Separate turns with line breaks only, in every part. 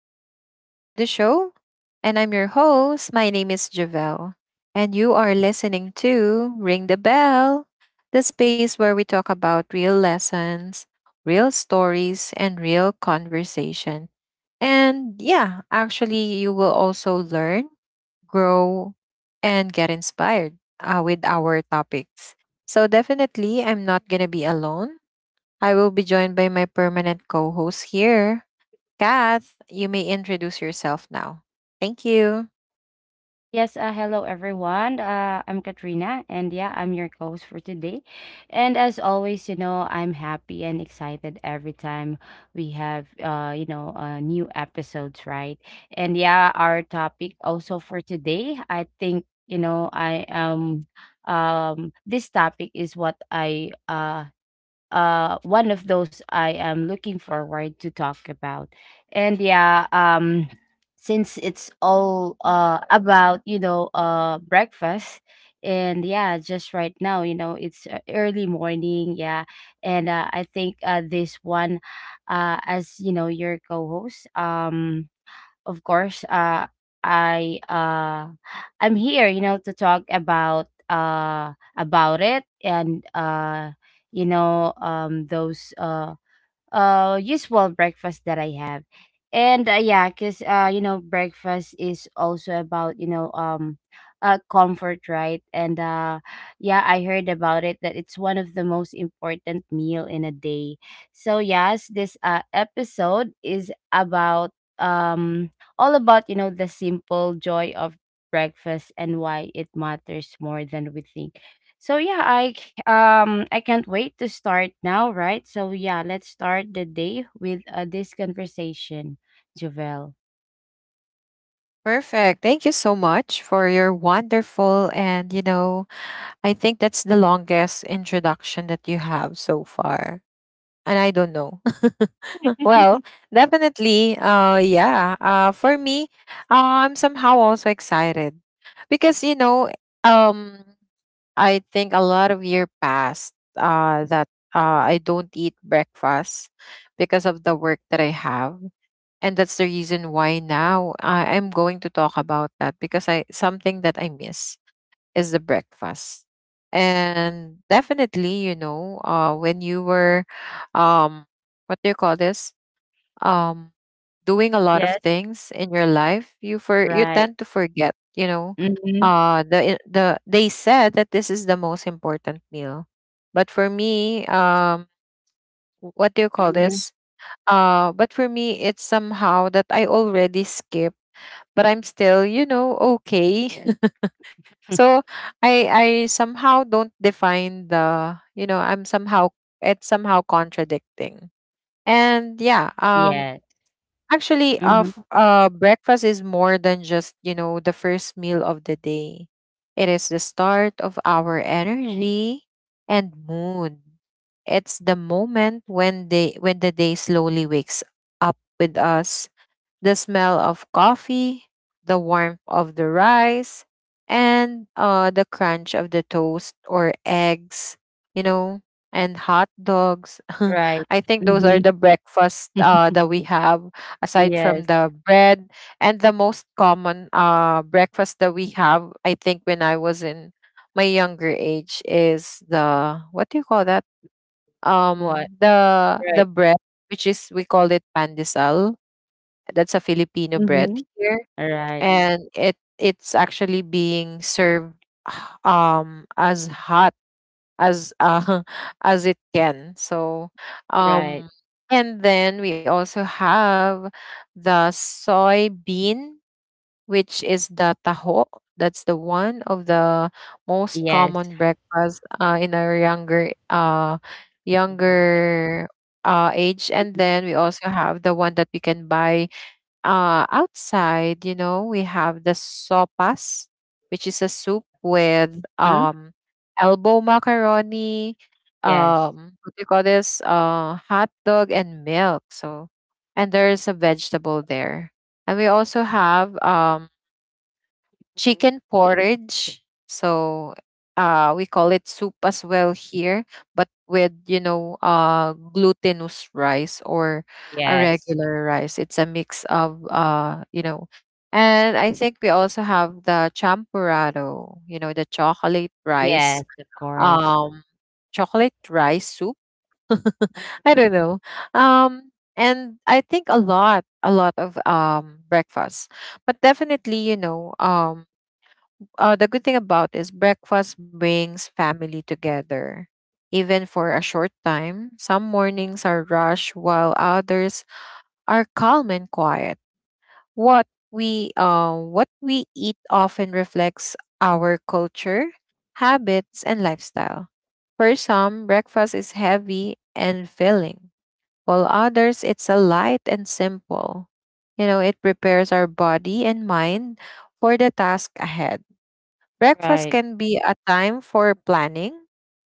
Welcome back to the show. And I'm your host. My name is Javelle. And you are listening to Ring the Bell, the space where we talk about real lessons, real stories, and real conversation. And yeah, actually, you will also learn, grow, and get inspired with our topics. So, definitely, I'm not going to be alone. I will be joined by my permanent co host here, Kath. You may introduce yourself now. Thank you.
Yes, hello everyone. I'm Katrina, and yeah, I'm your host for today. And as always, I'm happy and excited every time we have, new episodes, right? And yeah, our topic also for today, I think, I this topic is what I one of those I am looking forward to talk about. And yeah, since it's all about, breakfast, and yeah, just right now, you know, it's early morning, yeah. And I think, this one, as you know, your co-host, of course, I uh, I'm here, you know, to talk about it. And those usual breakfast that I have. And yeah, cause breakfast is also about, comfort, right? And yeah, I heard about it that it's one of the most important meal in a day. So yes, this episode is about, um all about, the simple joy of breakfast and why it matters more than we think. So yeah, I can't wait to start now, right? So yeah, let's start the day with this conversation, Javel.
Perfect. Thank you so much for your wonderful, and I think that's the longest introduction that you have so far. And I don't know. Well, definitely, yeah. For me, I'm somehow also excited because, um, I think a lot of year passed that I don't eat breakfast because of the work that I have, and that's the reason why now I am going to talk about that, because I something that I miss is the breakfast. And definitely, when you were, um what do you call this um doing a lot of
Yes.
things in your life, you for you
Right.
tend to forget.
Mm-hmm.
They said that this is the most important meal, but for me, what do you call
Mm-hmm.
this? But for me, it's somehow that I already skipped, but I'm still, okay. So I somehow don't define the, I'm somehow, it's somehow contradicting. And yeah.
Yes.
Actually,
Mm-hmm.
breakfast is more than just, the first meal of the day. It is the start of our energy and mood. It's the moment when the day slowly wakes up with us. The smell of coffee, the warmth of the rice, and the crunch of the toast or eggs, you know, and hot dogs.
Right.
I think those are
Mm-hmm.
the breakfast that we have aside from
Yes.
bread. And the most common breakfast that we have, I think when I was in my younger age, is the, what do you call that, um
What?
the the
Right.
bread, which is, we call it pandesal. That's a Filipino bread.
Mm-hmm. Right.
It's actually being served, as hot as as it can. So,
Right.
um, and then we also have the soybean, which is the taho. That's the one of the most
Yes.
common, as in our younger, uh,
Mhm.
younger uh, age. And then we also have the one that we can buy outside. You know, we have the sopas, which is a soup with
mm
elbow macaroni,
Yes.
uh, what do you call this? Hot dog and milk. So, and there's a vegetable there. And we also have,
Mhm.
chicken porridge. So, we call it soup as well here, but with, glutinous rice or a
Yes.
regular rice. It's a mix of, and I think we also have the champurrado, the chocolate rice.
Yes, of course.
Um chocolate rice soup. I don't know. And I think a lot of breakfast. But definitely, the good thing about is breakfast brings family together, even for a short time. Some mornings are rush, while others are calm and quiet. What what we eat often reflects our culture, habits, and lifestyle. For some, breakfast is heavy and filling, while others it's a light and simple. It prepares our body and mind for the task ahead. Breakfast
Right.
can be a time for planning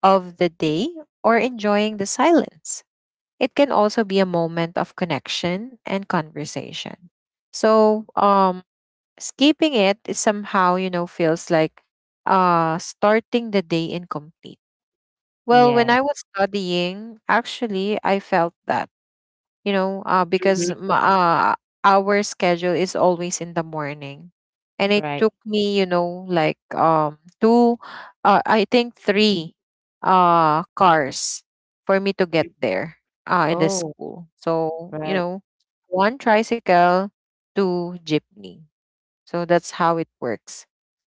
of the day or enjoying the silence. It can also be a moment of connection and conversation. So, skipping it is somehow, feels like starting the day incomplete. Well, when
Yeah.
I was studying, actually, I felt that, because
Mm-hmm.
our schedule is always in the morning. And it
Right.
took me, like two, I think three cars for me to get there in the
Oh,
school. So,
right.
one tricycle, two jeepney. So that's how it works.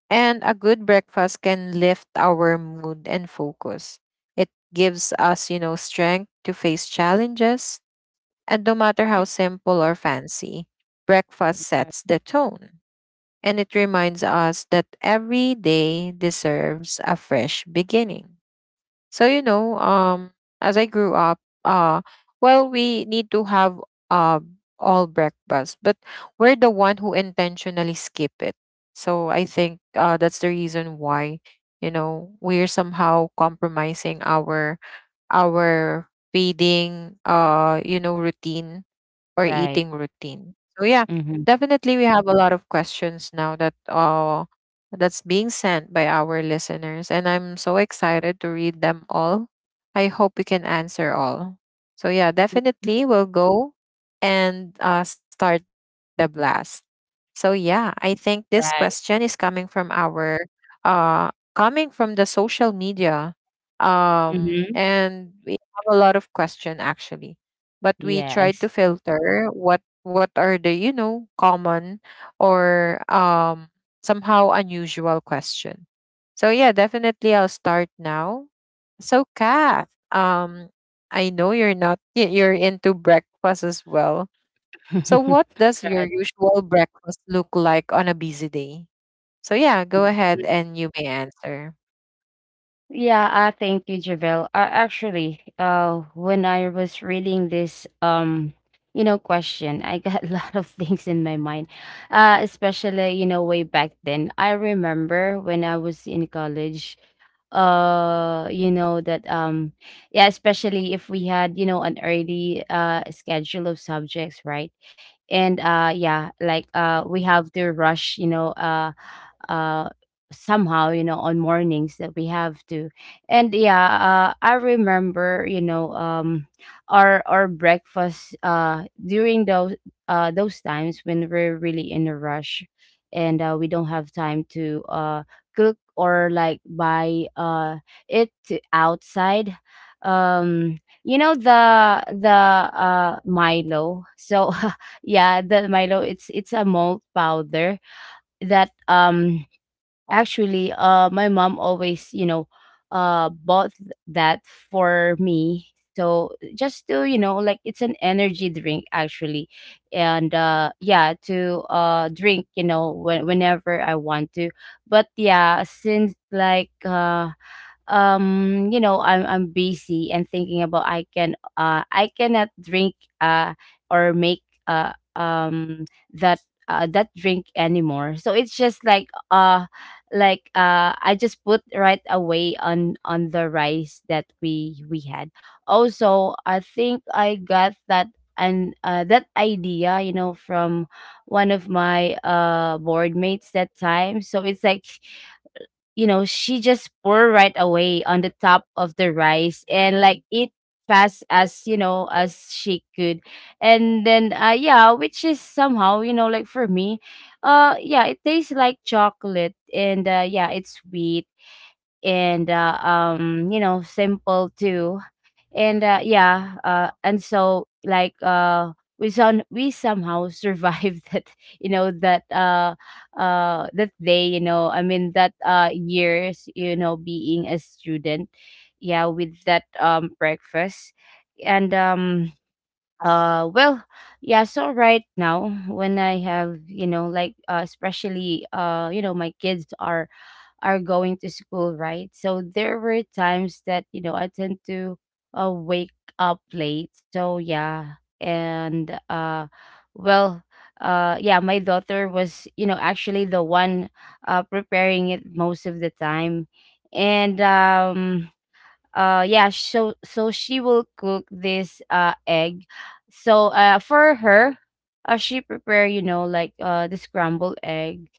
And a good breakfast can lift our mood and focus. It gives us, strength to face challenges. And no matter how
Mhm.
simple or fancy, breakfast sets the tone. And it reminds us that every day deserves a fresh beginning. So, as I grew up, well, we need to have uh all breakfast, but we're the one who intentionally skip it. So I think that's the reason why, we're somehow compromising our feeding, routine or
Right.
eating routine. So yeah,
Mm-hmm.
definitely we have a lot of questions now that's being sent by our listeners, and I'm so excited to read them all. I hope we can answer all. So yeah, definitely we'll go and start the blast. So yeah, I think this question
Right.
is uh coming from the social media. um
Mhm.
we have a lot of question, actually, but we try
Yes.
to filter what are the, common or somehow unusual question. So yeah, definitely I'll start now. So Kath, I know you're not, you're into breakfast as well. So what your
Right.
usual breakfast look like on a busy day? So yeah, go ahead
Mhm.
and you may answer.
Yeah, thank you, Javel. Actually, when I was reading this, you know, question, I got a lot of things in my mind. Especially, you know, way back then, I remember when I was in college. You know that, yeah, especially if we had, you know, an early schedule of subjects, right? And yeah, like, we have to rush, you know, uh somehow, you know, on mornings that we have to. And yeah, I remember, you know, our breakfast during those times when we're really in a rush. And we don't have time to cook or like buy it to outside. um the milo, so yeah, the milo, it's a malt powder that, actually, my mom always, you know, bought that for me. So just to, you know, like, it's an energy drink actually, and yeah, to drink, you know, whenever I want to. But yeah, since like, I'm busy and thinking about I cannot drink, uh or make, that that drink anymore. So it's just like, I just put right away on the rice that we had. Also, I think I got that, and that idea, you know, from one of my board mates that time. So it's like, you know, she just pour right away on the top of the rice and like eat fast as, you know, as she could. And then, yeah, which is somehow, you know, like for me, yeah, it tastes like chocolate, and yeah, it's sweet, and simple too. And yeah, and so like, we somehow survived that, you know, that, that day, you know, I mean that, years, you know, being a student, yeah, with that, breakfast. And well, yeah, so right now when I have, you know, like, especially, you know, my kids are going to school, right? So there were times that, you know, I tend to, wake up late. So yeah. And well, yeah, my daughter was, you know, actually the one preparing it most of the time. And yeah, so she will cook this egg. So, for her, she prepare, you know, like, the scrambled egg,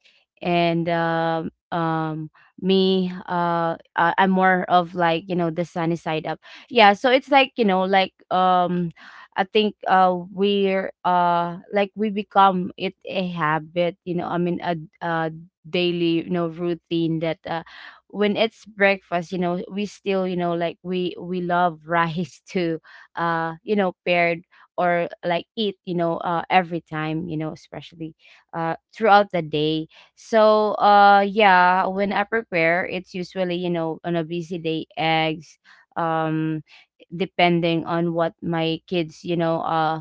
and I'm more of like, you know, the sunny side up. Yeah, so it's like, you know, like, I think, we're, like, we become it a habit, you know, I mean, a daily, you know, routine that, when it's breakfast, you know, we still, you know, like, we love rice to, you know, paired or like eat, you know, every time, you know, especially throughout the day. So, yeah, when I prepare, it's usually, you know, on a busy day, eggs, um, depending on what my kids, you know,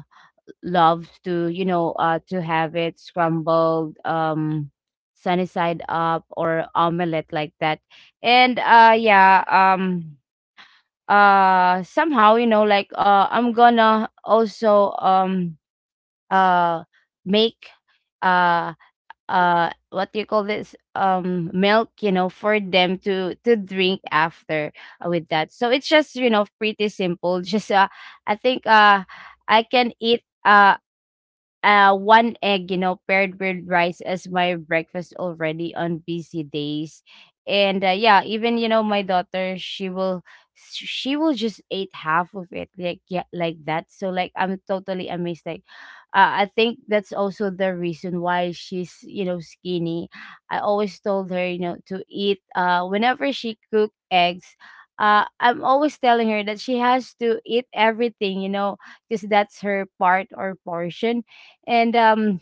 love to, you know, to have it scrambled, sunny side up, or omelette, like that. And, yeah, somehow, you know, like, I'm gonna also, uh, make, uh what do you call this, milk, you know, for them to drink after, with that. So it's just, you know, pretty simple. Just, I think, I can eat, one egg, you know, paired with rice as my breakfast already on busy days. And yeah, even, you know, my daughter, she will just eat half of it, like, yeah, like that. So, like, I'm totally amazed, like, I think that's also the reason why she's, you know, skinny. I always told her, you know, to eat, whenever she cook eggs. I'm always telling her that she has to eat everything, you know, because that's her part or portion. And,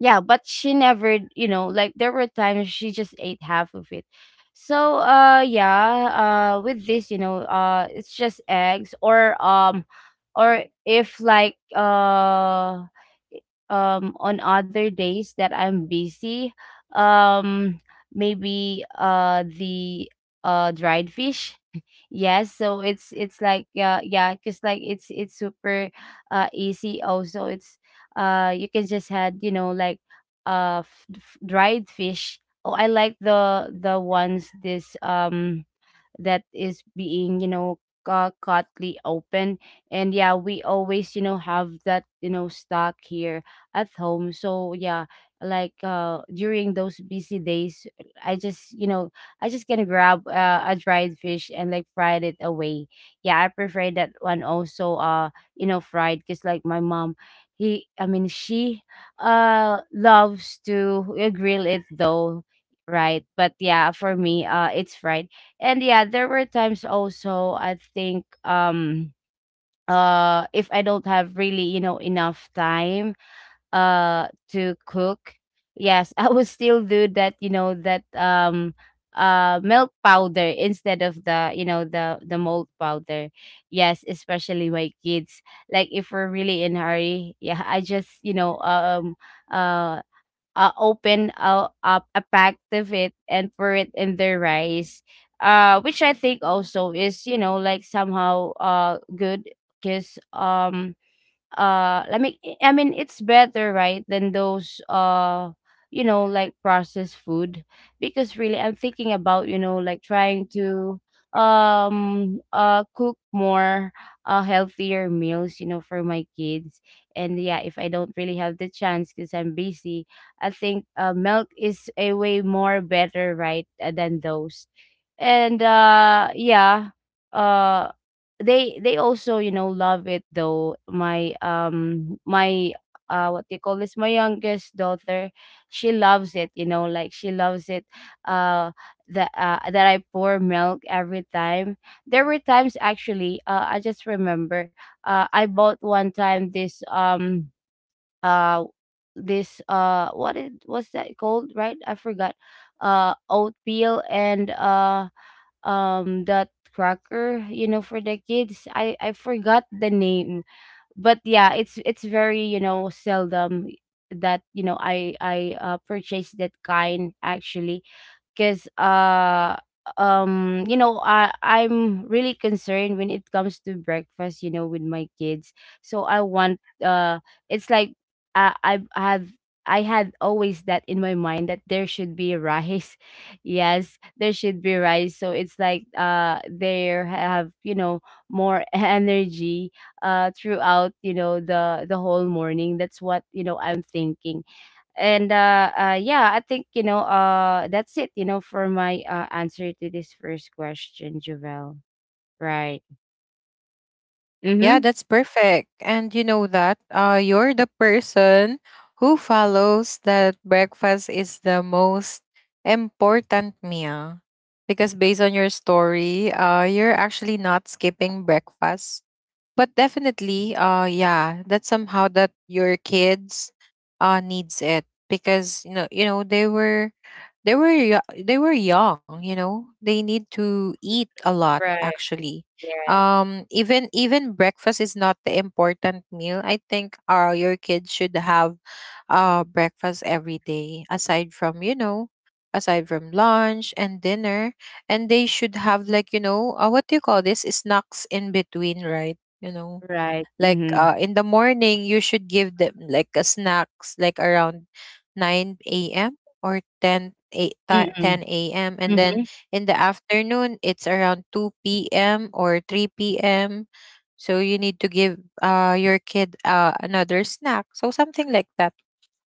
yeah, but she never, you know, like, there were times she just ate half of it. So, yeah, with this, you know, it's just eggs, or, or if like, on other days that I'm busy, um maybe, the, dried fish. Yes, so it's like, yeah, because like, it's super easy. Also, it's, you can just had, you know, like, dried fish. Oh, I like the ones this, that is being, you know, cutly open. And yeah, we always, you know, have that, you know, stock here at home. So yeah, like, during those busy days, i just you know I just gonna grab, a dried fish and like fried it away. Yeah, I prefer that one also, you know, fried, because like my mom, he I mean she, loves to, grill it though, right? But yeah, for me, it's fried. And yeah, there were times also, I think, if I don't have really, you know, enough time, to cook, yes, I would still do that, you know, that, milk powder, instead of the, you know, the mold powder. Yes, especially my kids. Like, if we're really in hurry, yeah, I just, you know, uh open, up a pack of it and pour it in their rice. Which I think also is, you know, like, somehow good, because, uh i mean I mean it's better, right, than those, you know, like, processed food. Because really I'm thinking about, you know, like, trying to, cook more, healthier meals, you know, for my kids. And yeah, if I don't really have the chance because I'm busy, I think, milk is a way more better, right, than those. And yeah, uh they also, you know, love it though. My, my, what do you call this, my youngest daughter, she loves it, you know, like, she loves it, uh that I pour milk every time. There were times actually, I just remember, I bought one time this, uh this, what's that called, right, I forgot, oatmeal. And, that cracker, you know, for the kids, I forgot the name. But yeah, it's very, you know, seldom that, you know, I purchase that kind, actually. Because, you know, I'm really concerned when it comes to breakfast, you know, with my kids. So I want, it's like, i i have I had always that in my mind that there should be rice. Yes, there should be rice. So it's like, they have, you know, more energy throughout, you know, the whole morning. That's what, you know, I'm thinking. And yeah, I think, that's it, you know, for my answer to this first question, Javel. Right.
Yeah,
Mm-hmm.
that's perfect. And you know that, you're the person who follows that breakfast is the most important meal. Because based on your story, you're actually not skipping breakfast. But definitely, yeah, that's somehow that your kids needs it, because they were yo- they were young, they need to eat a lot.
Right. Yes.
Even breakfast is not the important meal. I think your kids should have breakfast every day, aside from lunch and dinner. And they should have, like, what do you call this, snacks in between, right?
Right. Mm-hmm.
In the morning you should give them like a snacks, like around 9 a.m. or 10 8,
Mm-hmm.
a.m. And then
Mm-hmm.
in the afternoon, it's around 2 p.m. or 3 p.m. So you need to give your kid another snack. So something like that.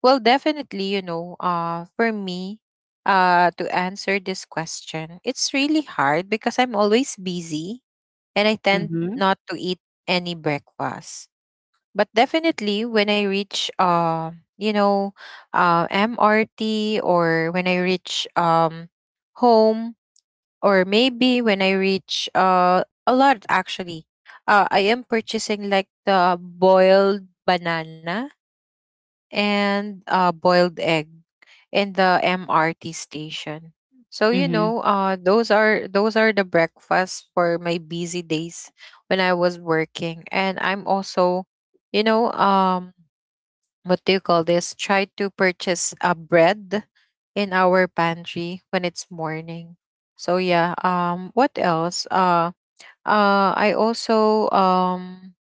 Well, definitely, for me, to answer this question, it's really hard because I'm always busy and I tend
Mm-hmm.
to eat any breakfast. But definitely, when I reach, you know, MRT, or when I reach, home, or maybe when I reach, a lot, actually. I am purchasing like the boiled banana and boiled egg in the MRT station. So,
Mm-hmm.
those are the breakfasts for my busy days when I was working. And I'm also, you know um what do you call this? Try to purchase a bread in our pantry when it's morning. So yeah, what else? I also,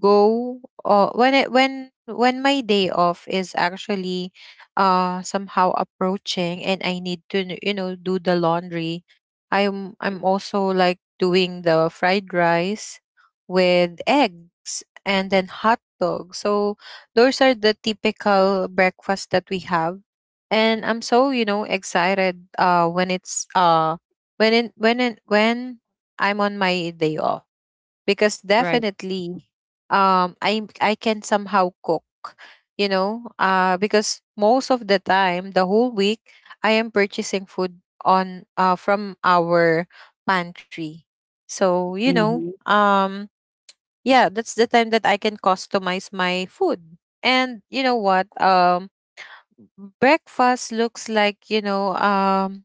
go, when it, when my day off is actually somehow approaching, and I need to, do the laundry. I'm also like doing the fried rice with eggs and then hot dog. So those are the typical breakfast that we have, and I'm so, excited when it's when I'm on my day off. Because
Right.
definitely, I can somehow cook, because most of the time the whole week I am purchasing food on from our pantry. So,
Mm-hmm.
yeah, that's the time that I can customize my food. And you know what? Breakfast looks like,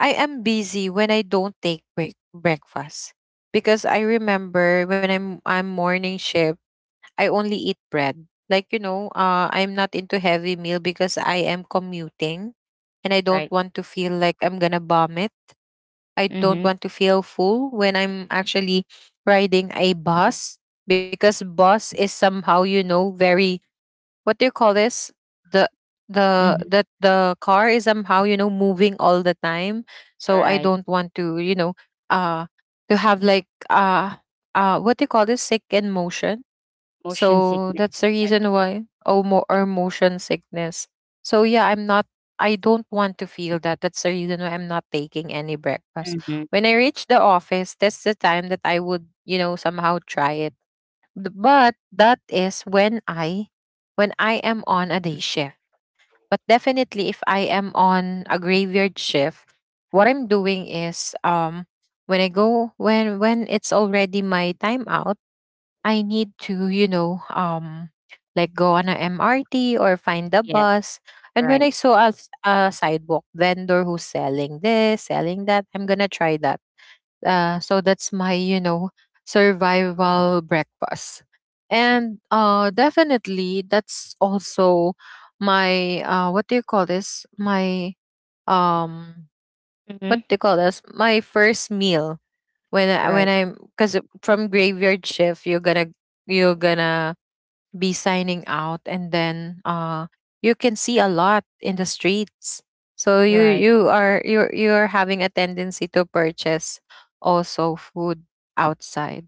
I am busy when I don't take breakfast, because I remember when I'm morning shift I only eat bread. Like, I'm not into heavy meal because I am commuting and I
Right.
don't want to feel like I'm going to vomit. I don't
Mm-hmm.
want to feel full when I'm actually riding a bus, because bus is somehow, very, what do you call this? The, the
Mm-hmm.
that the car is somehow, moving all the time. So I
Right.
don't want to, uh to have like, what do you call this, sick in motion.
Motion
So
sickness.
that's the
But
reason why, oh, or motion sickness. So yeah, I'm not I don't want to feel that. That's the reason why I'm not taking any breakfast.
mm-hmm.
When I reach the office, that's the time that I would, somehow try it. But that is when I am on a day shift. But definitely if I am on a graveyard shift, what I'm doing is, when I go when it's already my time out, I need to, like go on a MRT or find the
Yes.
bus. And when
Right.
I saw a sidewalk vendor who's selling this, selling that, I'm gonna try that. So that's my, survival breakfast. And definitely that's also my what do you call this? My um what
Mm-hmm.
they call this, my first meal when
Right.
I'm, because from graveyard shift you're gonna be signing out and then you can see a lot in the streets, so you
Right.
you are you you're you're having a tendency to purchase also food outside.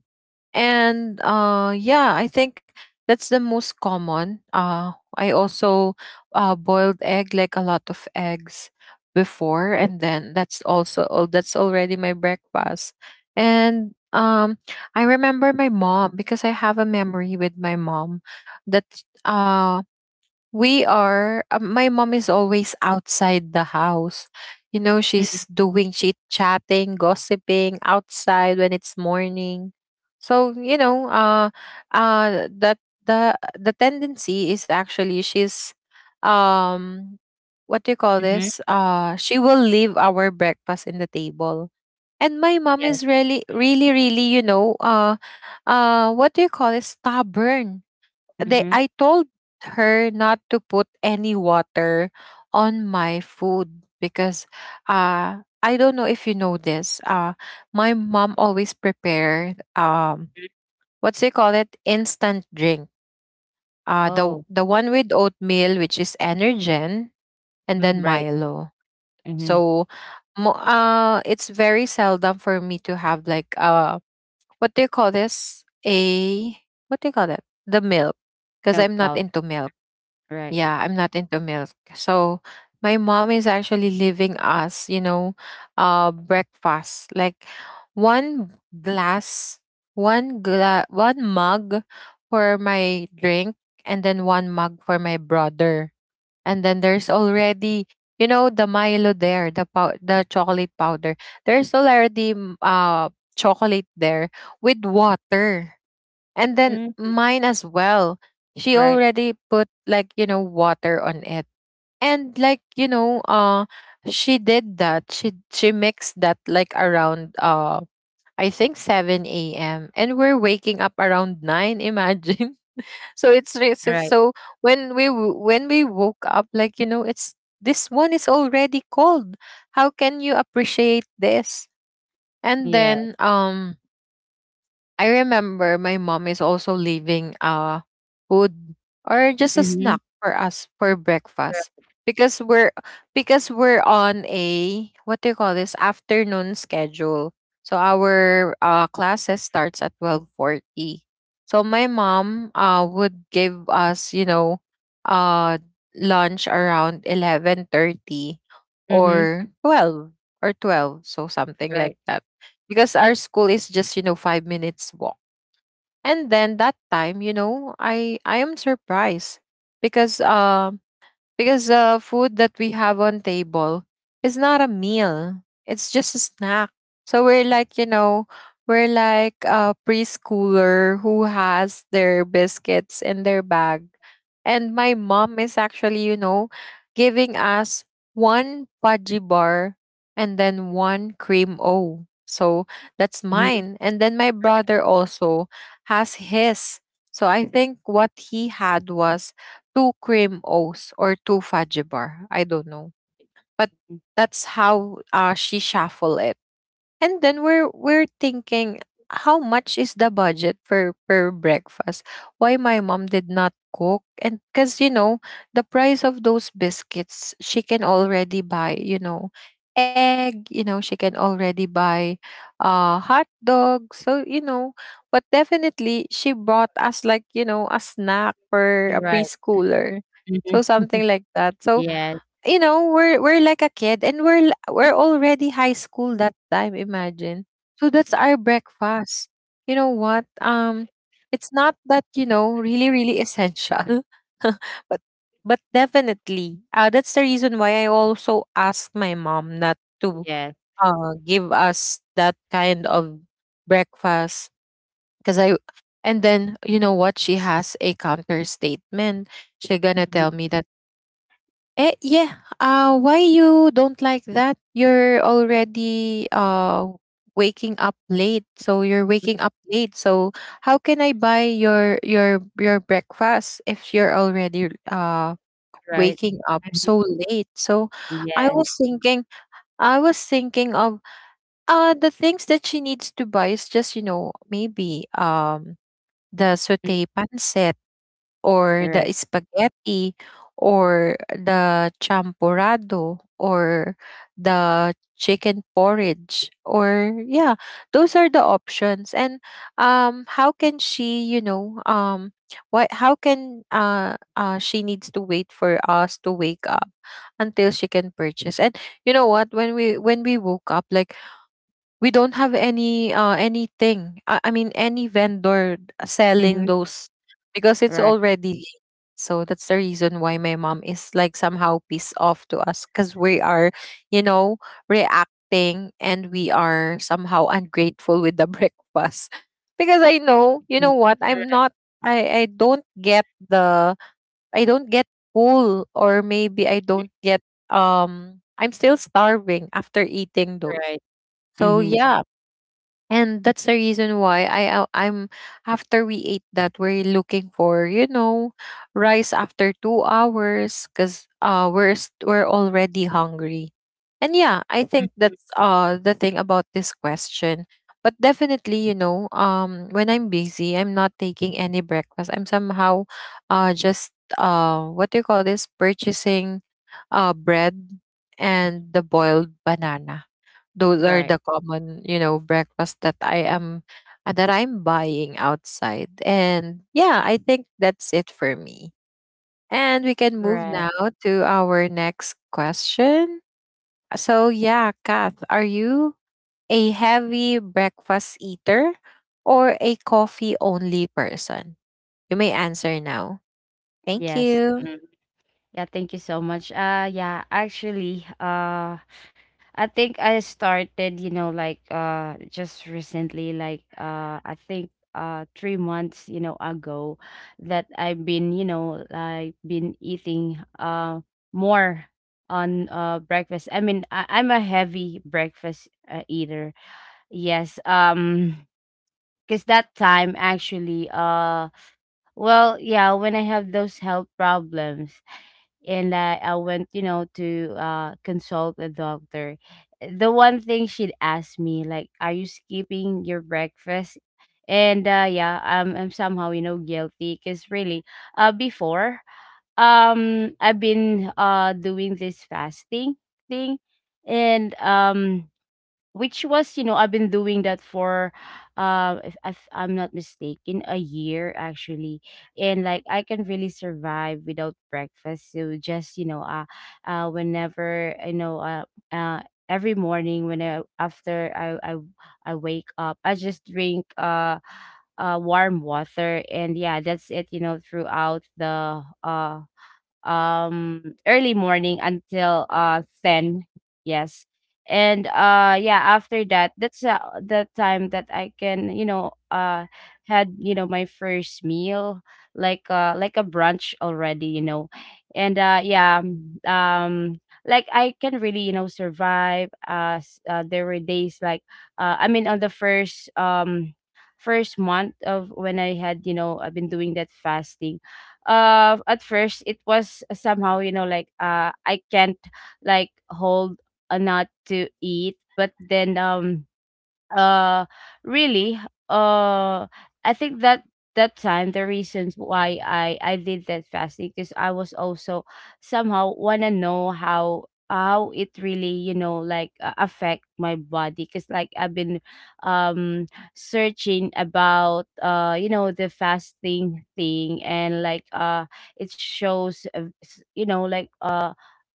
And yeah, I think that's the most common. I also, boiled egg, like a lot of eggs before, and then that's also all, that's already my breakfast. And I remember my mom, because I have a memory with my mom that uh, my mom is always outside the house. You know, she's doing chit chatting, gossiping outside when it's morning. So, you know, that the tendency is actually she's, um, what do you call this?
Mm-hmm.
She will leave our breakfast in the table. And my mom
Yes.
is really, really, really, you know, what do you call it? Stubborn. They
Mm-hmm.
I told her not to put any water on my food because I don't know if you know this. My mom always prepared what's they call it? Instant drink. The
Oh,
one with oatmeal, which is Energen and then
mm-hmm. Right.
Milo.
Mm-hmm.
So it's very seldom for me to have like what do you call this? A what do you call that? The milk, because I'm
Milk
not.
powder. Right.
Yeah, I'm not into milk. So my mom is actually leaving us, you know, breakfast. Like one glass, one mug for my drink and then one mug for my brother. And then there's already, you know, the Milo there, the chocolate powder. There's already chocolate there with water. And then
Mm-hmm.
mine as well. She
Right,
already put, like, you know, water on it. And like, you know, she did that. She mixed that like around I think 7 a.m., and we're waking up around 9, imagine. So so
right.
when when we woke up, like, you know, it's, this one is already cold. How can you appreciate this? And
Yeah.
then I remember my mom is also leaving food or just a snack
Mhm.
for breakfast,
Yeah.
because we're because we're on a, what do you call this, afternoon schedule. So our classes starts at 12:40. So my mom would give us, you know, uh lunch around 11:30
Mhm.
or 12, so something like,
Right.
because our school is just, you know, 5 minutes. And then that time, you know, I am surprised because uh because the food that we have on table is not a meal, it's just a snack. So we're like, you know, we're like a preschooler who has their biscuits in their bag. And my mom is actually, you know, giving us one pudgy bar and then one cream o, so that's
Mhm.
mine. And then my brother also has his. So I think what he had was 2 cream O's or 2 fudge bar. I don't know. But
Mm.
that's how, she shuffle it. And then we're thinking, how much is the budget for per breakfast? Why my mom did not cook? And cuz, you know, the price of those biscuits, she can already buy, you know, egg, you know, she can already buy hot dog. So, you know, but definitely she brought us, like, you know, a snack for a
You're right.
preschooler. So
Mhm.
something,
Yes.
you know, we're like a kid, and we're already high school that time, imagine. So that's our breakfast. You know what, it's not that, you know, really really essential, but but definitely, that's the reason why I also asked my mom not to,
Yes.
give us that kind of breakfast because I. And then, you know what, she has a counter statement. She gonna
Mhm.
tell me that, eh, yeah. Why you don't like that? You're already waking up late, so you're waking up late. So how can I buy your your breakfast if you're already
Right.
waking
Mhm.
so late? So I was
Yes.
thinking, I was thinking of the things that she needs to buy is just, you know, maybe the
Mm.
saute pancit or the
Right.
spaghetti or the champurrado or the chicken porridge, or yeah, those are the options. And how can she, you know, why how can she needs to wait for us to wake up until she can purchase. And you know what, when we woke up, like, we don't have any anything, I mean any vendor selling
Mhm.
those because it's
Right.
already. So that's the reason why my mom is like somehow pissed off to us, because we are, you know, reacting, and we are somehow ungrateful with the breakfast. Because I know, you know
Mm.
what, I'm not. I don't get the, I don't get full, or maybe I don't get I'm still starving after eating those.
Right.
So
Mhm.
yeah, and that's the reason why I'm, after we ate that, we're looking for, you know, rice after 2 hours, because we're already hungry. And yeah, I think
Mhm.
that's the thing about this question. But definitely, you know, when I'm busy, I'm not taking any breakfast. I'm somehow just what do you call this, purchasing bread and the boiled banana. Those are the
Right.
common, you know, breakfast that I am, that I'm buying outside. And yeah, I think that's it for me. And we can move now
Right.
to our next question. So yeah, Kath, are you a heavy breakfast eater or a coffee only person? You may answer now. Thank
Yes.
you.
Mm. Yeah, thank you so much. Yeah, actually, I think I started, you know, like just recently, like I think 3 months, you know, ago that I've been, you know, like been eating more on breakfast. I mean, I'm a heavy breakfast eater. Yes, because that time actually well, yeah, when I have those health problems and I went, you know, to consult a doctor. The one thing she'd ask me, like, "Are you skipping your breakfast?" And yeah, I'm somehow, you know, guilty because really, before, I've been doing this fasting thing, and which was, you know, I've been doing that for if I'm not mistaken a year actually, and like I can really survive without breakfast. So just, you know, whenever, you know, uh every morning when I after I wake up, I just drink warm water, and yeah, that's it, you know, throughout the um early morning until 10. Yes. And yeah, after that, that's the time that I can, you know, had, you know, my first meal, like a brunch already, you know. And yeah, um like I can really, you know, survive. There were days like I mean on the first first month of when I had, you know, I've been doing that fasting. At first it was somehow, you know, like I can't like hold a nut to eat, but then uh really uh I think that that time the reasons why I did that fasting because I was also somehow wanna know how it really, you know, like affect my body, because like I've been um searching about you know the fasting thing, and like it shows, you know, like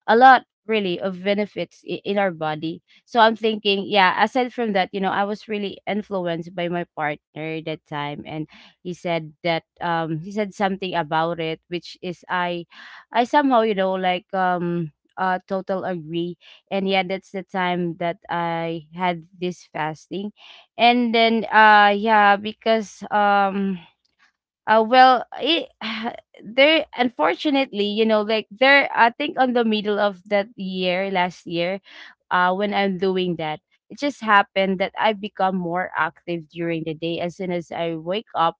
a lot really of benefits in our body. So I'm thinking, yeah, aside from that, you know, I was really influenced by my partner that time, and he said that, he said something about it, which is I somehow, you know, like total agree. And yeah, that's the time that I had this fasting. And then yeah, because well, it, there, unfortunately, you know, like, there, I think on the middle of that year, last year, when I'm doing that, it just happened that I become more active during the day. As soon as I wake up,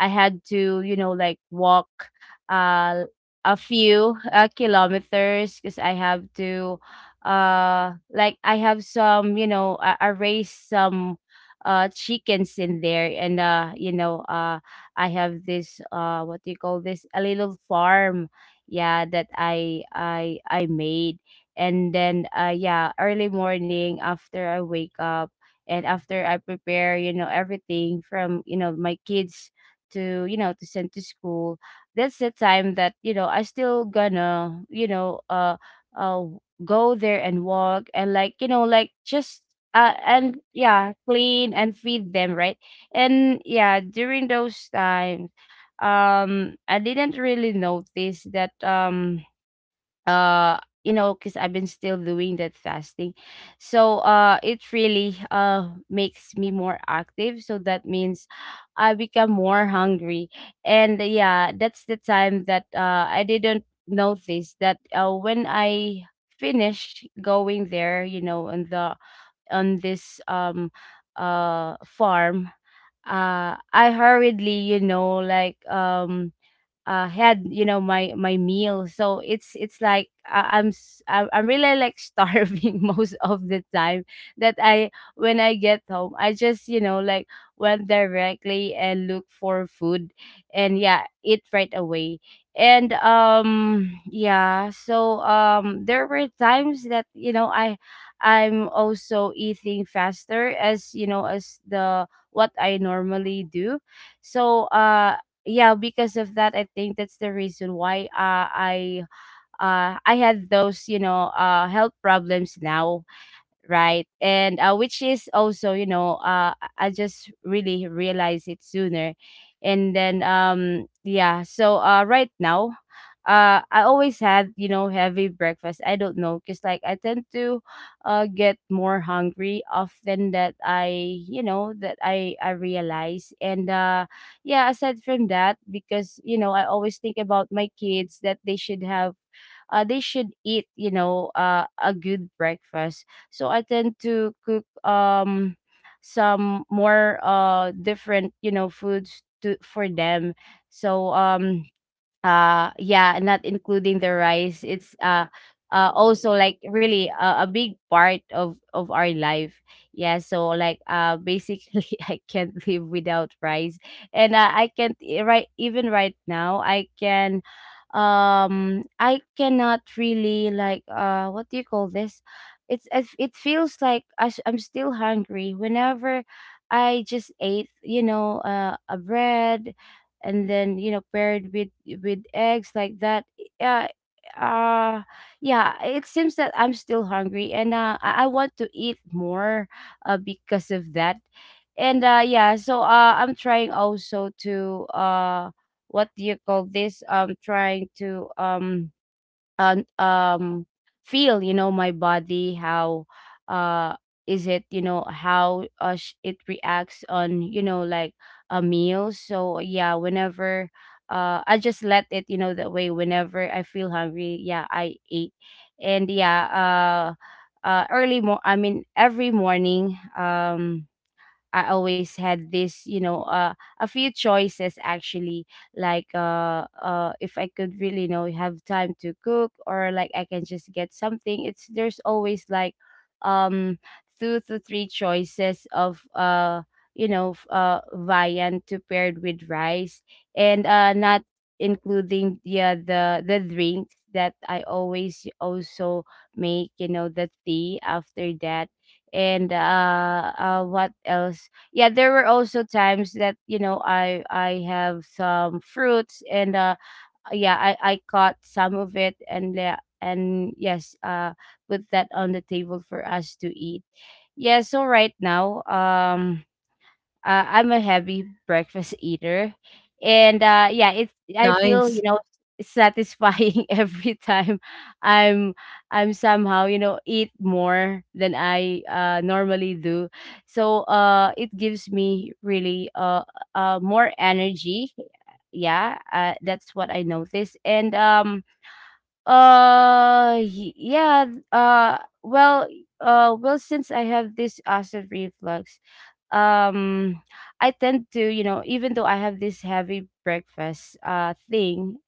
I had to, you know, like walk, uh, a few kilometers, because I have to, like I have some, you know, I raise some, chickens in there, and, you know, I have this what do you call this, a little farm, yeah, that I made. And then yeah, early morning after I wake up, and after I prepare, you know, everything from, you know, my kids to, you know, to send to school, that's the time that, you know, I still gonna, you know, uh go there and walk and, like, you know, like just and yeah clean and feed them, right. And yeah, during those times, I didn't really notice that, uh you know, because I've been still doing that fasting, so it really makes me more active, so that means I become more hungry. And yeah, that's the time that I didn't notice that when I finished going there, you know, on the on this farm, I hurriedly, you know, like had, you know, my meal, so it's like I, I'm s- I'm really like starving most of the time that I when I get home, I just, you know, like went directly and look for food and yeah eat right away. And yeah, so there were times that, you know, I I'm also eating faster as, you know, as the what I normally do. So yeah, because of that, I think that's the reason why, I had those, you know, health problems now, right. And which is also, you know, I I just really realized it sooner. And then, yeah, so right now, I always had, you know, heavy breakfast. I don't know, because like I tend to get more hungry often that I you know that I realize. And yeah, aside from that, because you know I always think about my kids that they should have, they should eat, you know, a good breakfast, so I tend to cook some more different, you know, foods to for them. So yeah, not including the rice, it's also like really a big part of our life. Yeah, so like basically I can't live without rice. And, I can't right, even right now I can, I cannot really like what do you call this, it feels like I'm still hungry whenever I just ate, you know, a bread, and then, you know, paired with eggs like that. Yeah. uh yeah, it seems that I'm still hungry and, I want to eat more because of that. And yeah, so I'm trying also to, what do you call this, I'm trying to um, um feel, you know, my body how uh is it, you know, how, it reacts on, you know, like a meal. So yeah, whenever I just let it, you know, that way, whenever I feel hungry, yeah, I eat. And yeah, early mo I mean every morning, I always had this, you know, a few choices, actually. Like, if I could really, you know, have time to cook, or like I can just get something. It's there's always like, um, two to three choices of, you know, viand to paired with rice, and, not including, yeah, the drinks that I always also make. You know, the tea after that. And what else, yeah, there were also times that, you know, I I have some fruits, and yeah, I caught some of it, and, and yes, put that on the table for us to eat. Yeah, so right now, I'm a heavy breakfast eater, and, yeah, it's I feel,
Nice.
you know, satisfying every time I'm I'm somehow, you know, eat more than I normally do. So, it gives me really, more energy. Yeah, that's what I noticed. And yeah, uh well, well, since I have this acid reflux, um I tend to, you know, even though I have this heavy breakfast thing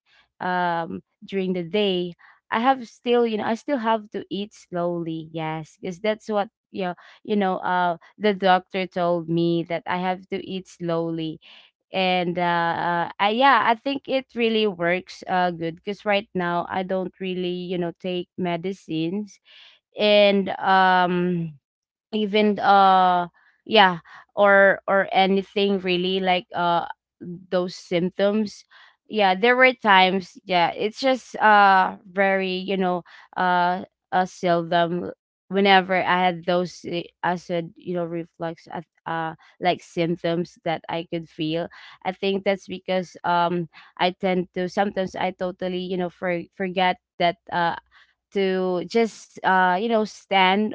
during the day, I have still, you know, I still have to eat slowly. Yes, because that's what, you know, the doctor told me that I have to eat slowly. And, yeah, I think it really works good, because right now I don't really, you know, take medicines, and, even yeah, or anything really like those symptoms. Yeah, there were times, yeah, it's just very, you know, uh, seldom whenever I had those, eh, I said, you know, reflux uh like symptoms that I could feel. I think that's because I tend to sometimes I totally, you know, forget that, to just you know stand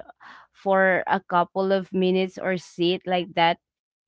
for a couple of minutes or sit like that.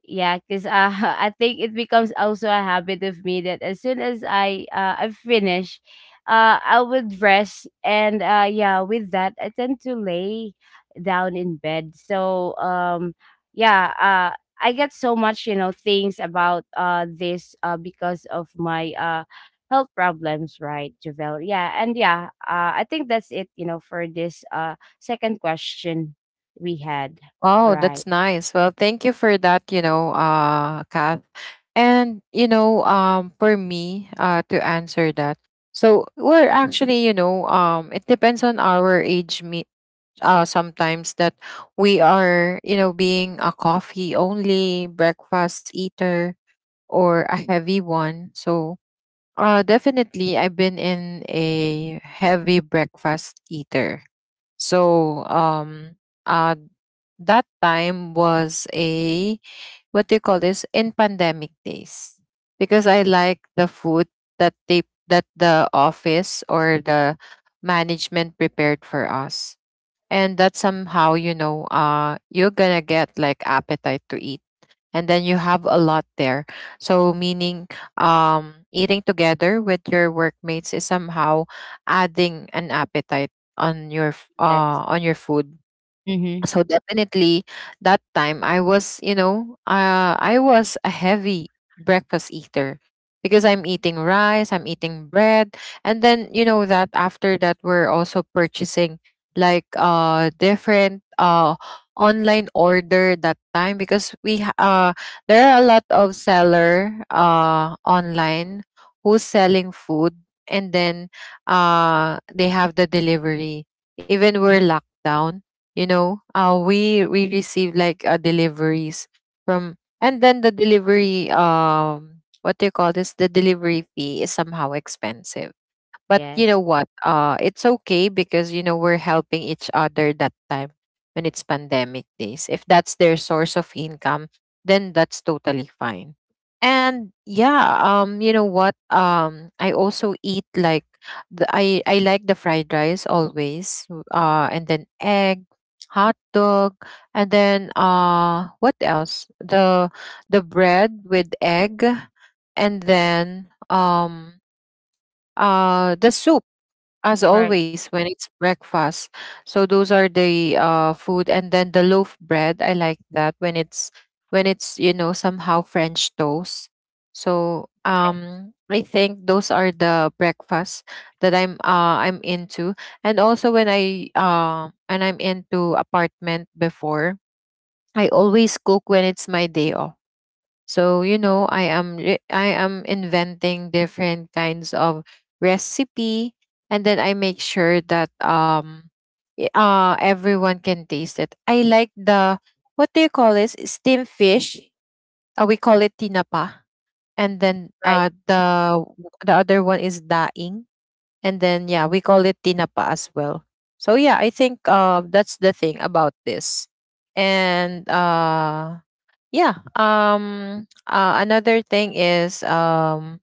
Yeah, because, I think it becomes also a habit of me that as soon as I finish, I would rest, and, yeah, with that I tend to lay down in bed. So, yeah, I get so much, you know, things about this because of my health problems, right, Javel? Yeah, and yeah, I think that's it. You know, for this second question we had,
Oh,
right?
that's nice. Well, thank you for that, you know, Kath. And, you know, for me, to answer that. So we're actually, you know, it depends on our age, me, sometimes that we are, you know, being a coffee only breakfast eater or a heavy one. So definitely I've been in a heavy breakfast eater. So uh that time was a, what do you call this, in pandemic days, because I like the food that they, that the office or the management prepared for us. And that somehow, you know, you're gonna get like appetite to eat, and then you have a lot there. So meaning eating together with your workmates is somehow adding an appetite on your
Yes.
on your food.
Mm-hmm.
So definitely that time I was, you know, I was a heavy breakfast eater, because I'm eating rice, I'm eating bread. And then, you know, that after that we're also purchasing like different online order that time, because there are a lot of seller online who's selling food. And then they have the delivery, even we're locked down. You know, we receive like, deliveries from. And then the delivery what do you call this, the delivery fee is somehow expensive. But you know
Yes.
what, it's okay, because, you know, we're helping each other that time when it's pandemic days. If that's their source of income, then that's totally fine. And yeah, you know what, I also eat like I like the fried rice always, and then egg, hot dog, and then what else, the bread with egg. And then the soup, as
Right,
always, when it's breakfast. So those are the food. And then the loaf bread, I like that when it's, when it's, you know, somehow french toast. So I think those are the breakfast that I'm into. And also when I and I'm into apartment before, I always cook when it's my day off. So, you know, I am inventing different kinds of recipe. And then I make sure that everyone can taste it. I like the, what do you call this, steamed fish. We call it tinapa. And then
right. Mm,
the other one is daing. And then yeah, we call it tinapa as well. So yeah, I think that's the thing about this. And yeah. Another thing is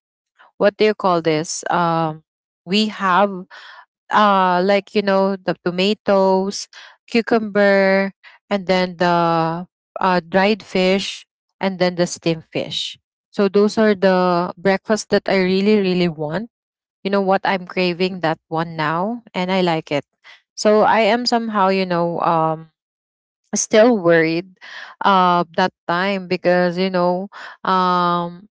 what do you call this? We have like, you know, the tomatoes, cucumber, and then the dried fish and then the steamed fish. So those are the breakfast that I really really want. You know what, I'm craving that one now, and I like it. So I am somehow, still worried that time because um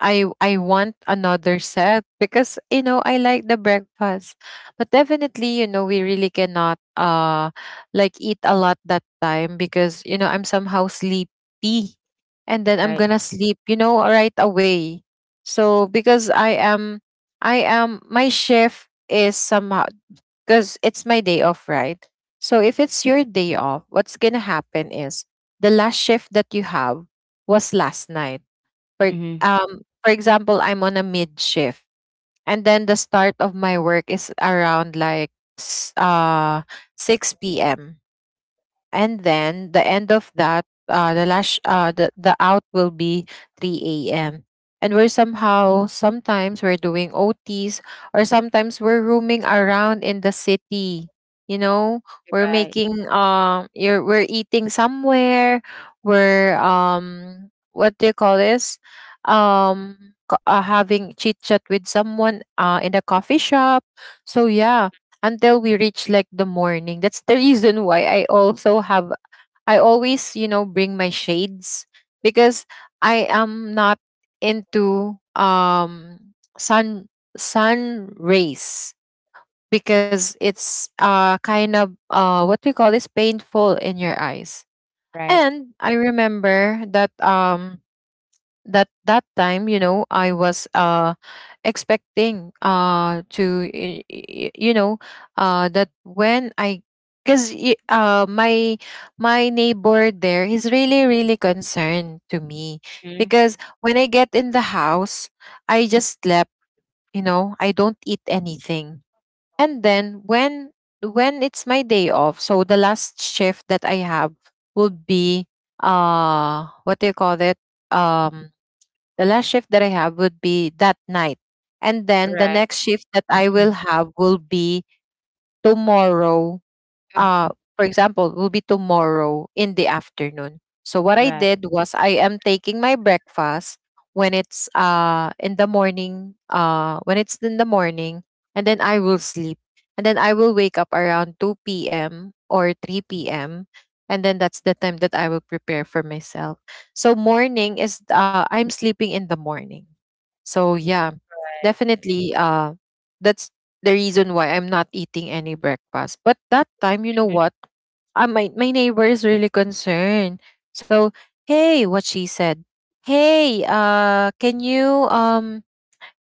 I want another set because you know I like the breakfast, but definitely you know we really cannot like eat a lot that time because you know I'm somehow sleepy, and then I'm
right.
gonna sleep you know right away. So because I am my shift is somehow because it's my day off, right? So if it's your day off, what's gonna happen is the last shift that you have was last night. For
Mhm.
for example, I'm on a mid shift, and then the start of my work is around like s- uh 6 p.m., and then the end of that the lash the out will be 3 a.m. And we're somehow, sometimes we're doing ots, or sometimes we're roaming around in the city, you know, we're
Right.
making you're we're eating somewhere, we're what do you call this, um having chit chat with someone in a coffee shop. So yeah, until we reach like the morning. That's the reason why I also have I always, you know, bring my shades because I am not into sun, sun rays, because it's kind of what we call is painful in your eyes.
Right.
And I remember that that time you know I was expecting to you know that when I because my my neighbor there, he's really really concerned to me
Mhm.
because when I get in the house, I just slept, you know, I don't eat anything. And then when it's my day off, so the last shift that I have would be what do you call it, um the last shift that I have would be that night. And then the
Right.
next shift that I
Mhm.
will have will be tomorrow, uh, for example, will be tomorrow in the afternoon. So what
Mhm.
I
Right.
did was I am taking my breakfast when it's in the morning, when it's in the morning, and then I will sleep. And then I will wake up around 2 p.m. or 3 p.m. And then that's the time that I will prepare for myself. So morning is I'm sleeping in the morning. So yeah, definitely that's the reason why I'm not eating any breakfast. But that time, you know
Right. Mhm.
what? My, my neighbor is really concerned. So, hey, what she said. Hey, can you um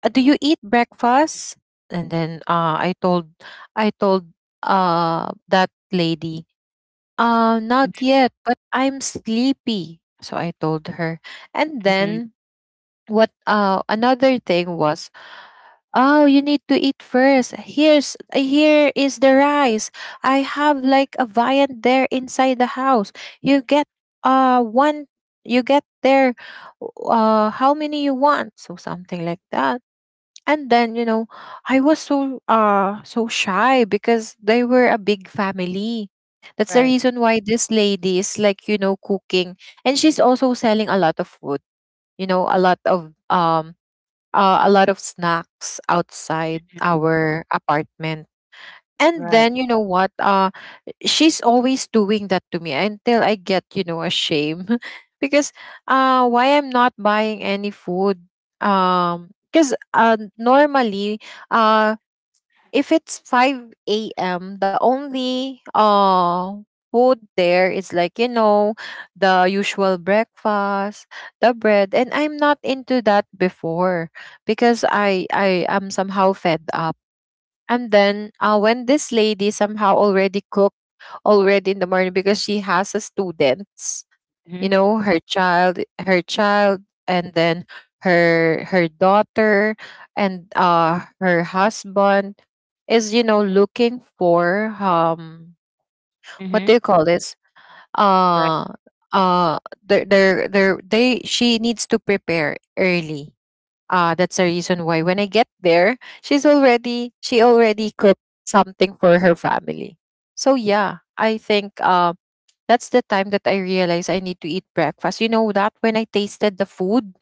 uh, do you eat breakfast? And then I told that lady,
Mhm.
not yet, but I'm sleepy. So I told her. And
Mhm.
then what another thing was, oh, you need to eat first. Here is the rice. I have like a viand there inside the house. You get one, you get there how many you want. So something like that. And then, you know, I was so so shy because they were a big family. That's the
Right.
reason why this lady is like, you know, cooking, and she's also selling a lot of food, you know, a lot of snacks outside our apartment. And
Right.
then you know what? She's always doing that to me until I get you know ashamed because why I'm not buying any food? Because normally uh if it's 5 a.m., the only food there is like, you know, the usual breakfast, the bread. And I'm not into that before because I am somehow fed up. And then when this lady somehow already cooked already in the morning because she has a student,
Mhm.
you know, her child, and then her daughter, and her husband is you know looking for what
Mhm.
do you call this,
Right.
uh uh they she needs to prepare early. That's the reason why when I get there, she's already she already cooked something for her family. So yeah, I think that's the time that I realized I need to eat breakfast. You know that when I tasted the food,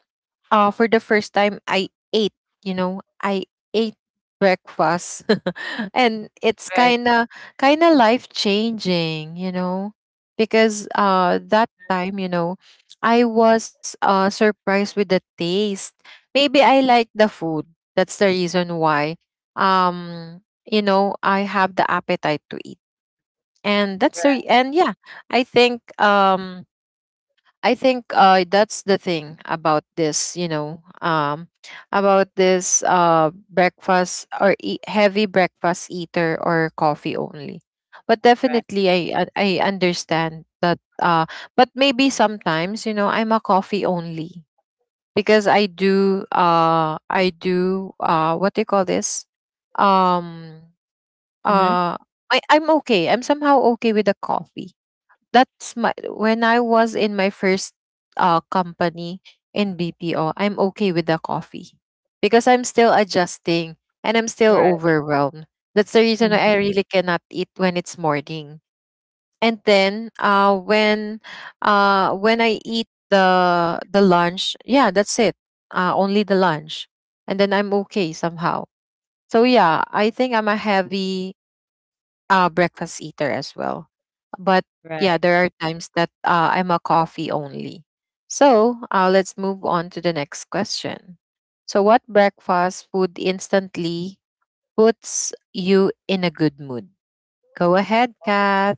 for the first time, I ate, you know, I ate breakfast. And it's
Right.
kind of life changing, you know, because that time, you know, I was surprised with the taste. Maybe I like the food. That's the reason why you know, I have the appetite to eat. And that's the
Right.
re- and yeah, I think um I think that's the thing about this, you know, about this breakfast or eat, heavy breakfast eater or coffee only. But
Right.
definitely, I understand that. But maybe sometimes, you know, I'm a coffee only because I do what do you call this? Um
Mhm.
uh I'm okay. I'm somehow okay with the coffee. That's my when I was in my first company in BPO, I'm okay with the coffee because I'm still adjusting and I'm still
Right.
overwhelmed. That's the reason
Mhm.
why I really cannot eat when it's morning. And then when I eat the lunch, yeah, that's it. Only the lunch. And then I'm okay somehow. So yeah, I think I'm a heavy breakfast eater as well. But yeah,
Right.
there are times that I'm a coffee only. So let's move on to the next question. So, what breakfast food instantly puts you in a good mood? Go ahead, Kat.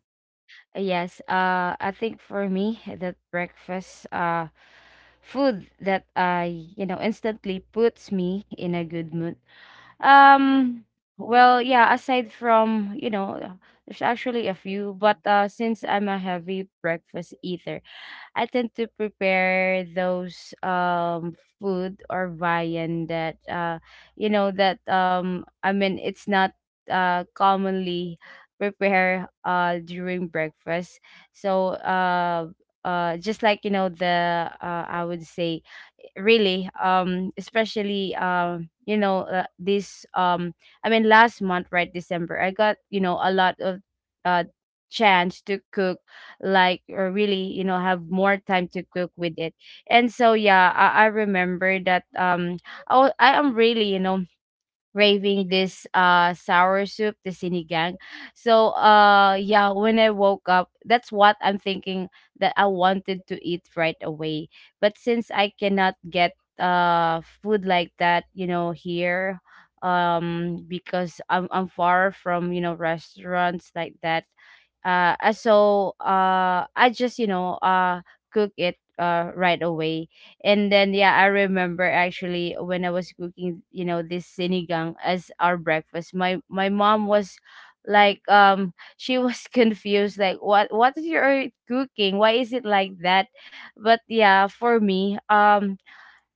Yes, I think for me that breakfast food that I instantly puts me in a good mood Um, well, yeah, aside from, there's actually a few, but since I'm a heavy breakfast eater, I tend to prepare those food or viand that I mean it's not commonly prepared during breakfast. So uh just like the I would say really especially you know this I mean last month, right, December, I got, a lot of uh chance to cook, like, or really, have more time to cook with it. And so yeah, I remember that. I am really, raving this sour soup, the sinigang. So yeah, when I woke up, that's what I'm thinking, that I wanted to eat right away. But since I cannot get food like that, you know, here, um, because I'm far from, you know, restaurants like that. So I just, cook it right away. And then yeah, I remember actually when I was cooking, you know, this sinigang as our breakfast. My mom was like, um, she was confused, like, what is your cooking, why is it like that. But yeah, for me, um,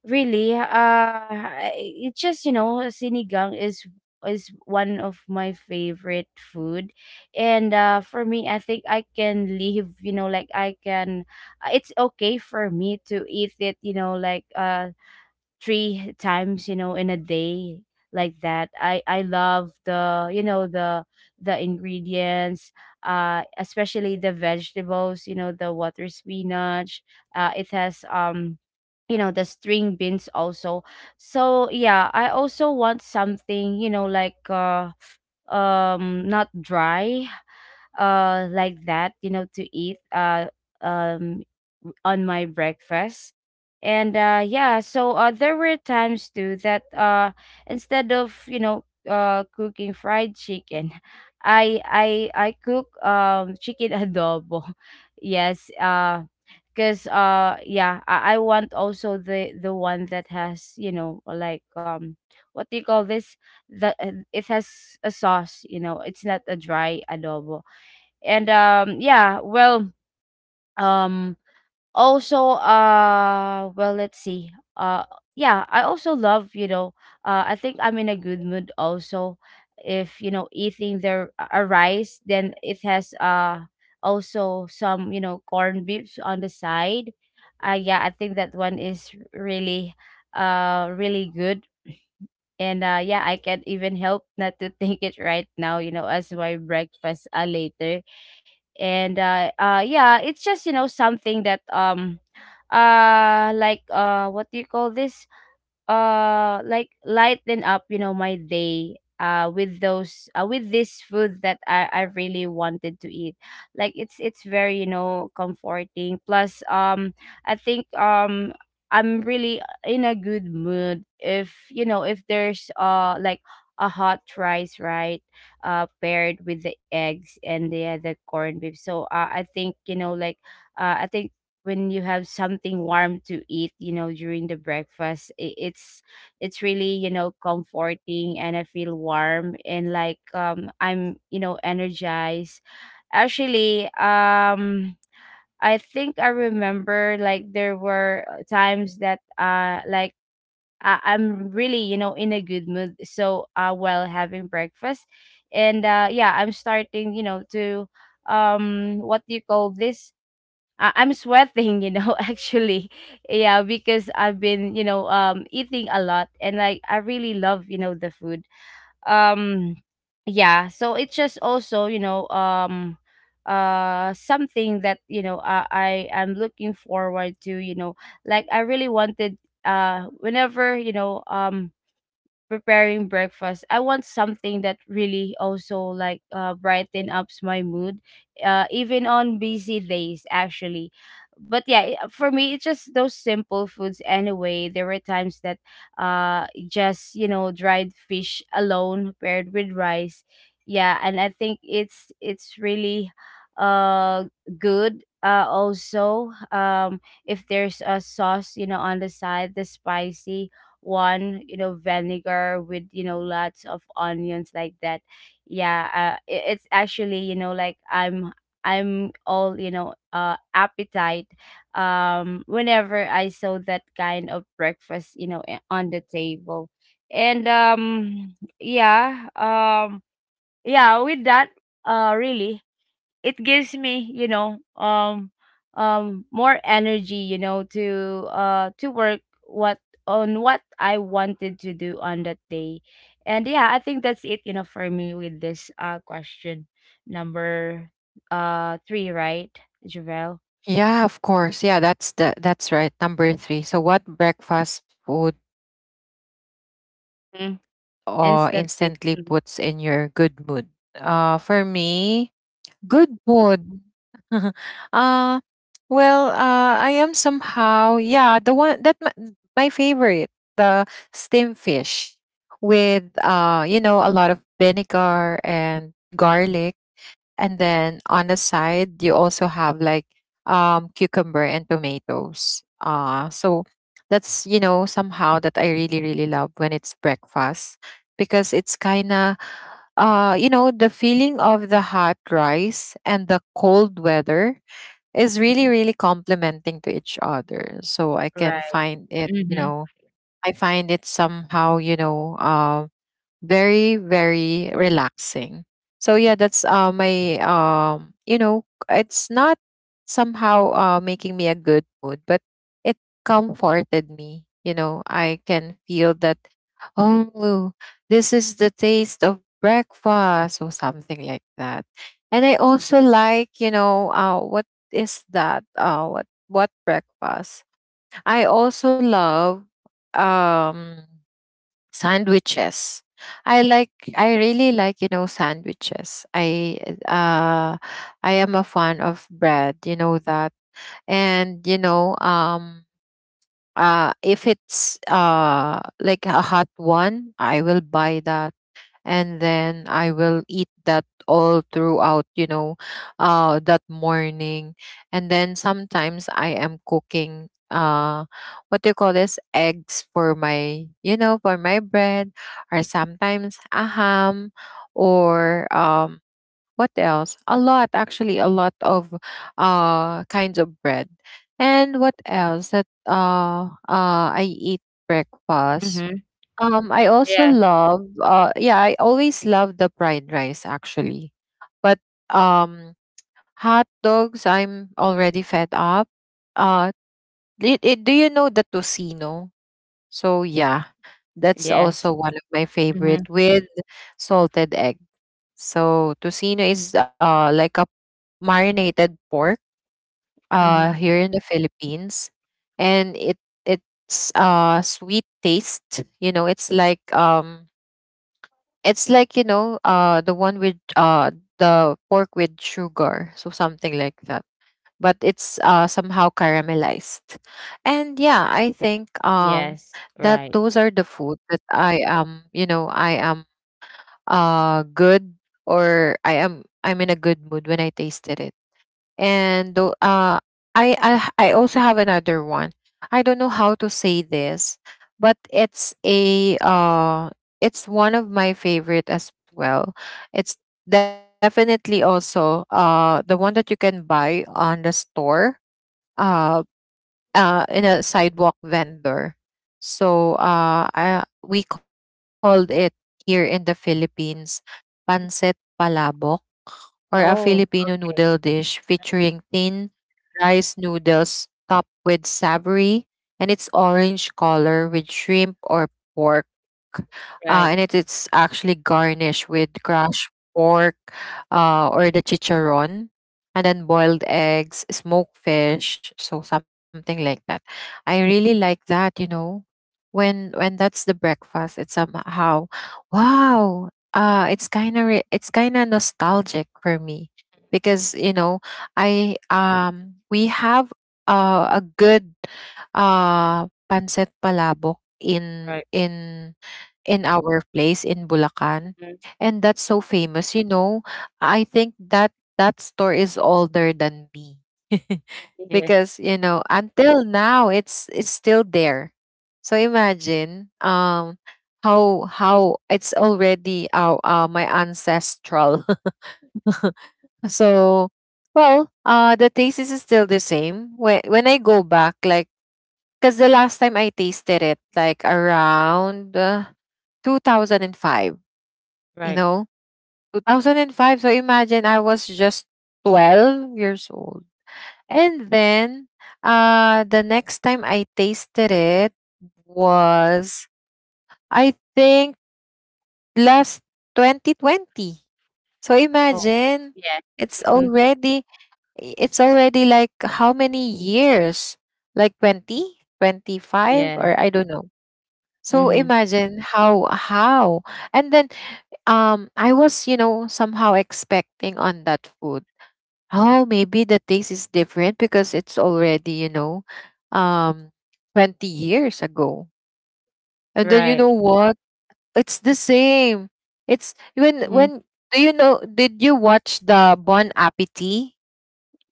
really, it's just, you know, sinigang is one of my favorite food. And for me, I think I can live, you know, like I can, it's okay for me to eat it, you know, like, 3 times, you know, in a day, like that. I love the, you know, the ingredients, especially the vegetables, you know, the water spinach. It has, um, you know, the string beans also. So yeah, I also want something, you know, like, not dry, like that, you know, to eat, um on my breakfast. And yeah, so there were times too that, instead of, you know, cooking fried chicken, I cook chicken adobo. Yes, because, yeah, I want also the one that has, you know, like, um, what do you call this, the, it has a sauce, you know, it's not a dry adobo. And um, yeah, well, um, also, well, let's see, uh yeah, I also love, you know, I think I'm in a good mood also if, you know, eating the a rice, then it has, also some, you know, corn beefs on the side. Yeah, I think that one is really really good. And yeah, I can't even help not to take it right now, you know, as my breakfast, later. And yeah, it's just, you know, something that, um, like, what do you call this, like, lighten up, you know, my day, with those, with this food that I really wanted to eat. Like, it's very, you know, comforting. Plus, um, I think, um, I'm really in a good mood if, you know, if there's, like, a hot rice, right, paired with the eggs and the other corned beef. So I think, you know, like, I think when you have something warm to eat, you know, during the breakfast, it's really, you know, comforting, and I feel warm, and like, um, I'm, you know, energized. Actually, um, I think I remember, like, there were, times that, like, I'm really, you know, in a good mood, so, while having breakfast. And yeah, I'm starting, you know, to, um, what do you call this, I'm sweating, you know, actually. Yeah, because I've been, you know, um, eating a lot, and like I really love, you know, the food. Um, yeah, so it's just also, you know, um, something that, you know, I am looking forward to, you know. Like, I really wanted, whenever, you know, um, preparing breakfast, I want something that really also, like, brighten ups my mood, even on busy days, actually. But yeah, for me, it's just those simple foods anyway. There were times that, just, you know, dried fish alone paired with rice. Yeah, and I think it's really uh good. Also, um, if there's a sauce, you know, on the side, the spicy one, you know, vinegar with, you know, lots of onions, like that. Yeah, it's actually, you know, like, I'm all, you know, appetite, um, whenever I saw that kind of breakfast, you know, on the table. And um, yeah, um, yeah, with that, really, it gives me, you know, um, um, more energy, you know, to, to work what, on what I wanted to do on that day. And yeah, I think that's it, you know, for me, with this question number three, right, Javel?
Yeah, of course. Yeah, that's the that's right. Number three. So, what breakfast food instantly puts in
Mm.
your good mood?
Instantly. Mhm.
For me, good mood. uh, Well, I am somehow, yeah, the one that my favorite, the steamed fish with you know, a lot of vinegar and garlic. And then on the side, you also have like cucumber and tomatoes. So that's, you know, somehow that I really, really love when it's breakfast because it's kind of, you know, the feeling of the hot rice and the cold weather is really, really complementing to each other. So I can
Right.
find it, you
mm-hmm
know, I find it somehow, you know, very very relaxing. So yeah, that's my you know, it's not somehow making me a good mood, but it comforted me, you know, I can feel that, oh, this is the taste of breakfast or something like that. And I also like, you know, what is that, what breakfast I also love, um sandwiches. I really like, you know, sandwiches. Uh I am a fan of bread, you know that. And you know, if it's like a hot one, I will buy that, and then I will eat that all throughout, you know, that morning. And then sometimes I am cooking what do you call this, eggs for my you know for my bread, or sometimes a ham, or what else, a lot, actually a lot of kinds of bread. And what else that I eat breakfast,
mm-hmm
I
Yeah.
also love yeah, I always love the fried rice actually. But um hot dogs I'm already fed up. Uh do you know the tocino? So yeah, that's
Yes.
also my
mm-hmm
favorite with salted egg. So tocino is like a marinated pork
mm-hmm
here in the Philippines, and it's sweet taste. You know, it's like it's like, you know, the one with the pork with sugar, so something like that. But it's somehow caramelized. And yeah, I think
yes.
that
Right.
those are the food that I am, you know, I am good, or I'm in a good mood when I tasted it. And tho- I also have another one. I don't know how to say this, but it's one of my favorite as well. It's definitely also the one that you can buy on the store uh in a sidewalk vendor. So we called it here in the Philippines pancit palabok, or a
Oh,
Filipino
okay.
Filipino noodle dish featuring thin rice noodles topped with savory, and it's orange color with shrimp or pork.
Right.
And it is actually garnished with crushed pork, or the chicharron, and then boiled eggs, smoked fish, so something like that. I really like that, you know, when that's the breakfast, it's somehow wow. It's kind of it's kind of nostalgic for me because you know I we have a good uh pancit palabok in
Right.
in our place in Bulacan.
Mm.
And that's so famous, you know. I think that that store is older than me.
Yes.
Because, you know, until now it's still there. So imagine how it's already my ancestral. So well, the taste is still the same. When I go back, like, cuz the last time I tasted it like around 2005, you
Right.
know, 2005. So imagine I was just 12 years old. And then the next time I tasted it was, I think, last 2020. So
Oh,
imagine
yeah.
it's
Mhm.
already, it's already like how many years? Like 20, 25,
Yeah.
or I don't know. So
Mhm.
imagine how, how. And then I was, you know, somehow expecting on that food. Oh, maybe the taste is different because it's already, you know, um, 20 years ago. And then you
Right.
know what? It's the same. It's when
Mhm.
when do you know, did you watch the Bon Appetit,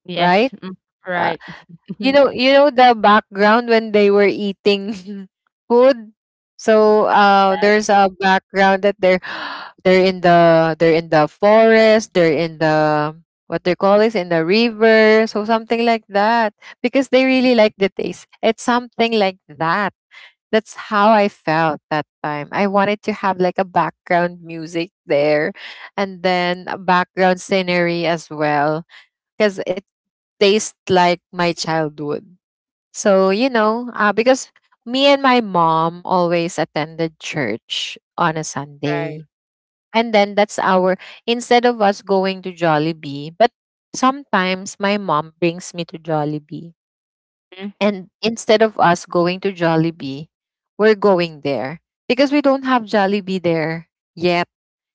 Yes.
right?
Mm.
Uh,
Right.
you know the background when they were eating food. So
Yes.
there's a background that they're they're in the forest, they're in the, what they call, is in the river, so something like that, because they really like the taste. It's something like that. That's how I felt that time. I wanted to have like a background music there and then a background scenery as well, because it tastes like my childhood. So, you know, because me and my mom always attended church on a
Right.
Sunday. And then that's our, instead of us going to Jollibee, but sometimes my mom brings me to Jollibee.
Mm.
And instead of us going to Jollibee, we're going there because we don't have Jollibee there yet.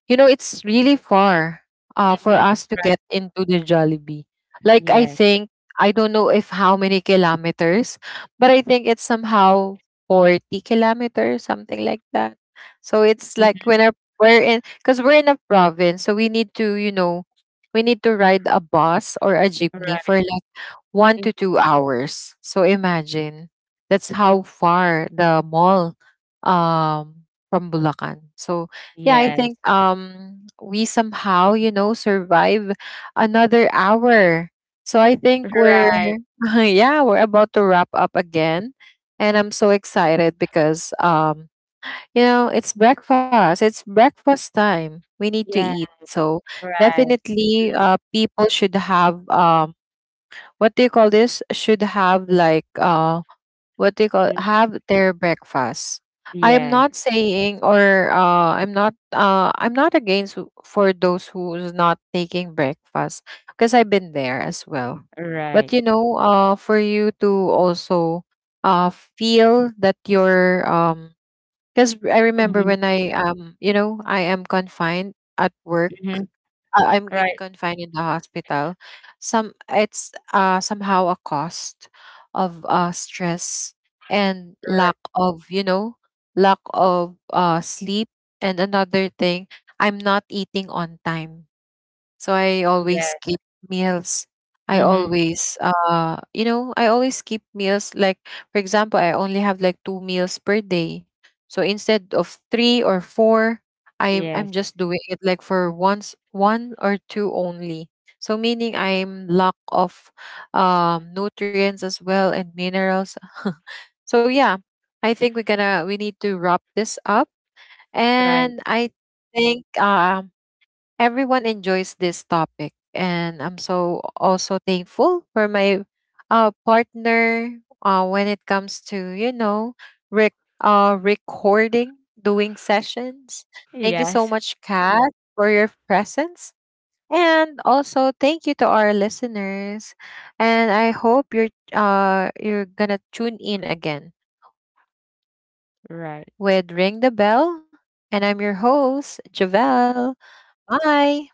You know, it's really far for
Mhm.
us to get into the Jollibee. Like, I
Yes.
think, I don't know if how many kilometers, but I think it's somehow 40 kilometers, something like that. So it's
Mhm.
like when our, we're in, because we're in a province, so we need to, you know, we need to ride a bus or a jeepney
Right.
for one
Mhm.
to two hours. So imagine that's how far the mall um from Bulacan. So yeah, I
Yes.
think we somehow, you know, survive another hour. So I think we're
Right.
yeah, we're about to wrap up again. And I'm so excited because you know, it's breakfast. It's breakfast time. We need to
Yeah.
eat. So
Right.
definitely
Mhm.
people should have what do you call this, should have like what do you call,
Mhm.
have their breakfast. I am
Yes.
not saying, or I'm not against for those who's not taking breakfast, because I've been there as well.
Right.
But you know, for you to also feel that you're because I remember
Mhm.
when I you know, I am confined at work,
Mhm.
I'm being
Right.
confined in the hospital. Some it's somehow a cost of stress and
Right.
lack of, you know, lack of sleep. And another thing, I'm not eating on time. So I
Yeah.
always skip meals. I
Mhm.
always you know, I always keep meals, like for example, I only have like two meals per day, so instead of three or four, i'm
Yes.
i'm just doing it like for once, one or two only. So meaning I'm lack of nutrients as well and minerals. So yeah, I think we need to wrap this up.
Right.
And I think everyone enjoys this topic. And I'm so also thankful for my partner, when it comes to, you know, rec- recording, doing sessions. Thank you so
Yes.
much, Kat, for your presence. And also thank you to our listeners. And I hope you're gonna tune in again
Right.
with Ring the Bell. And I'm your host, Javelle. Bye.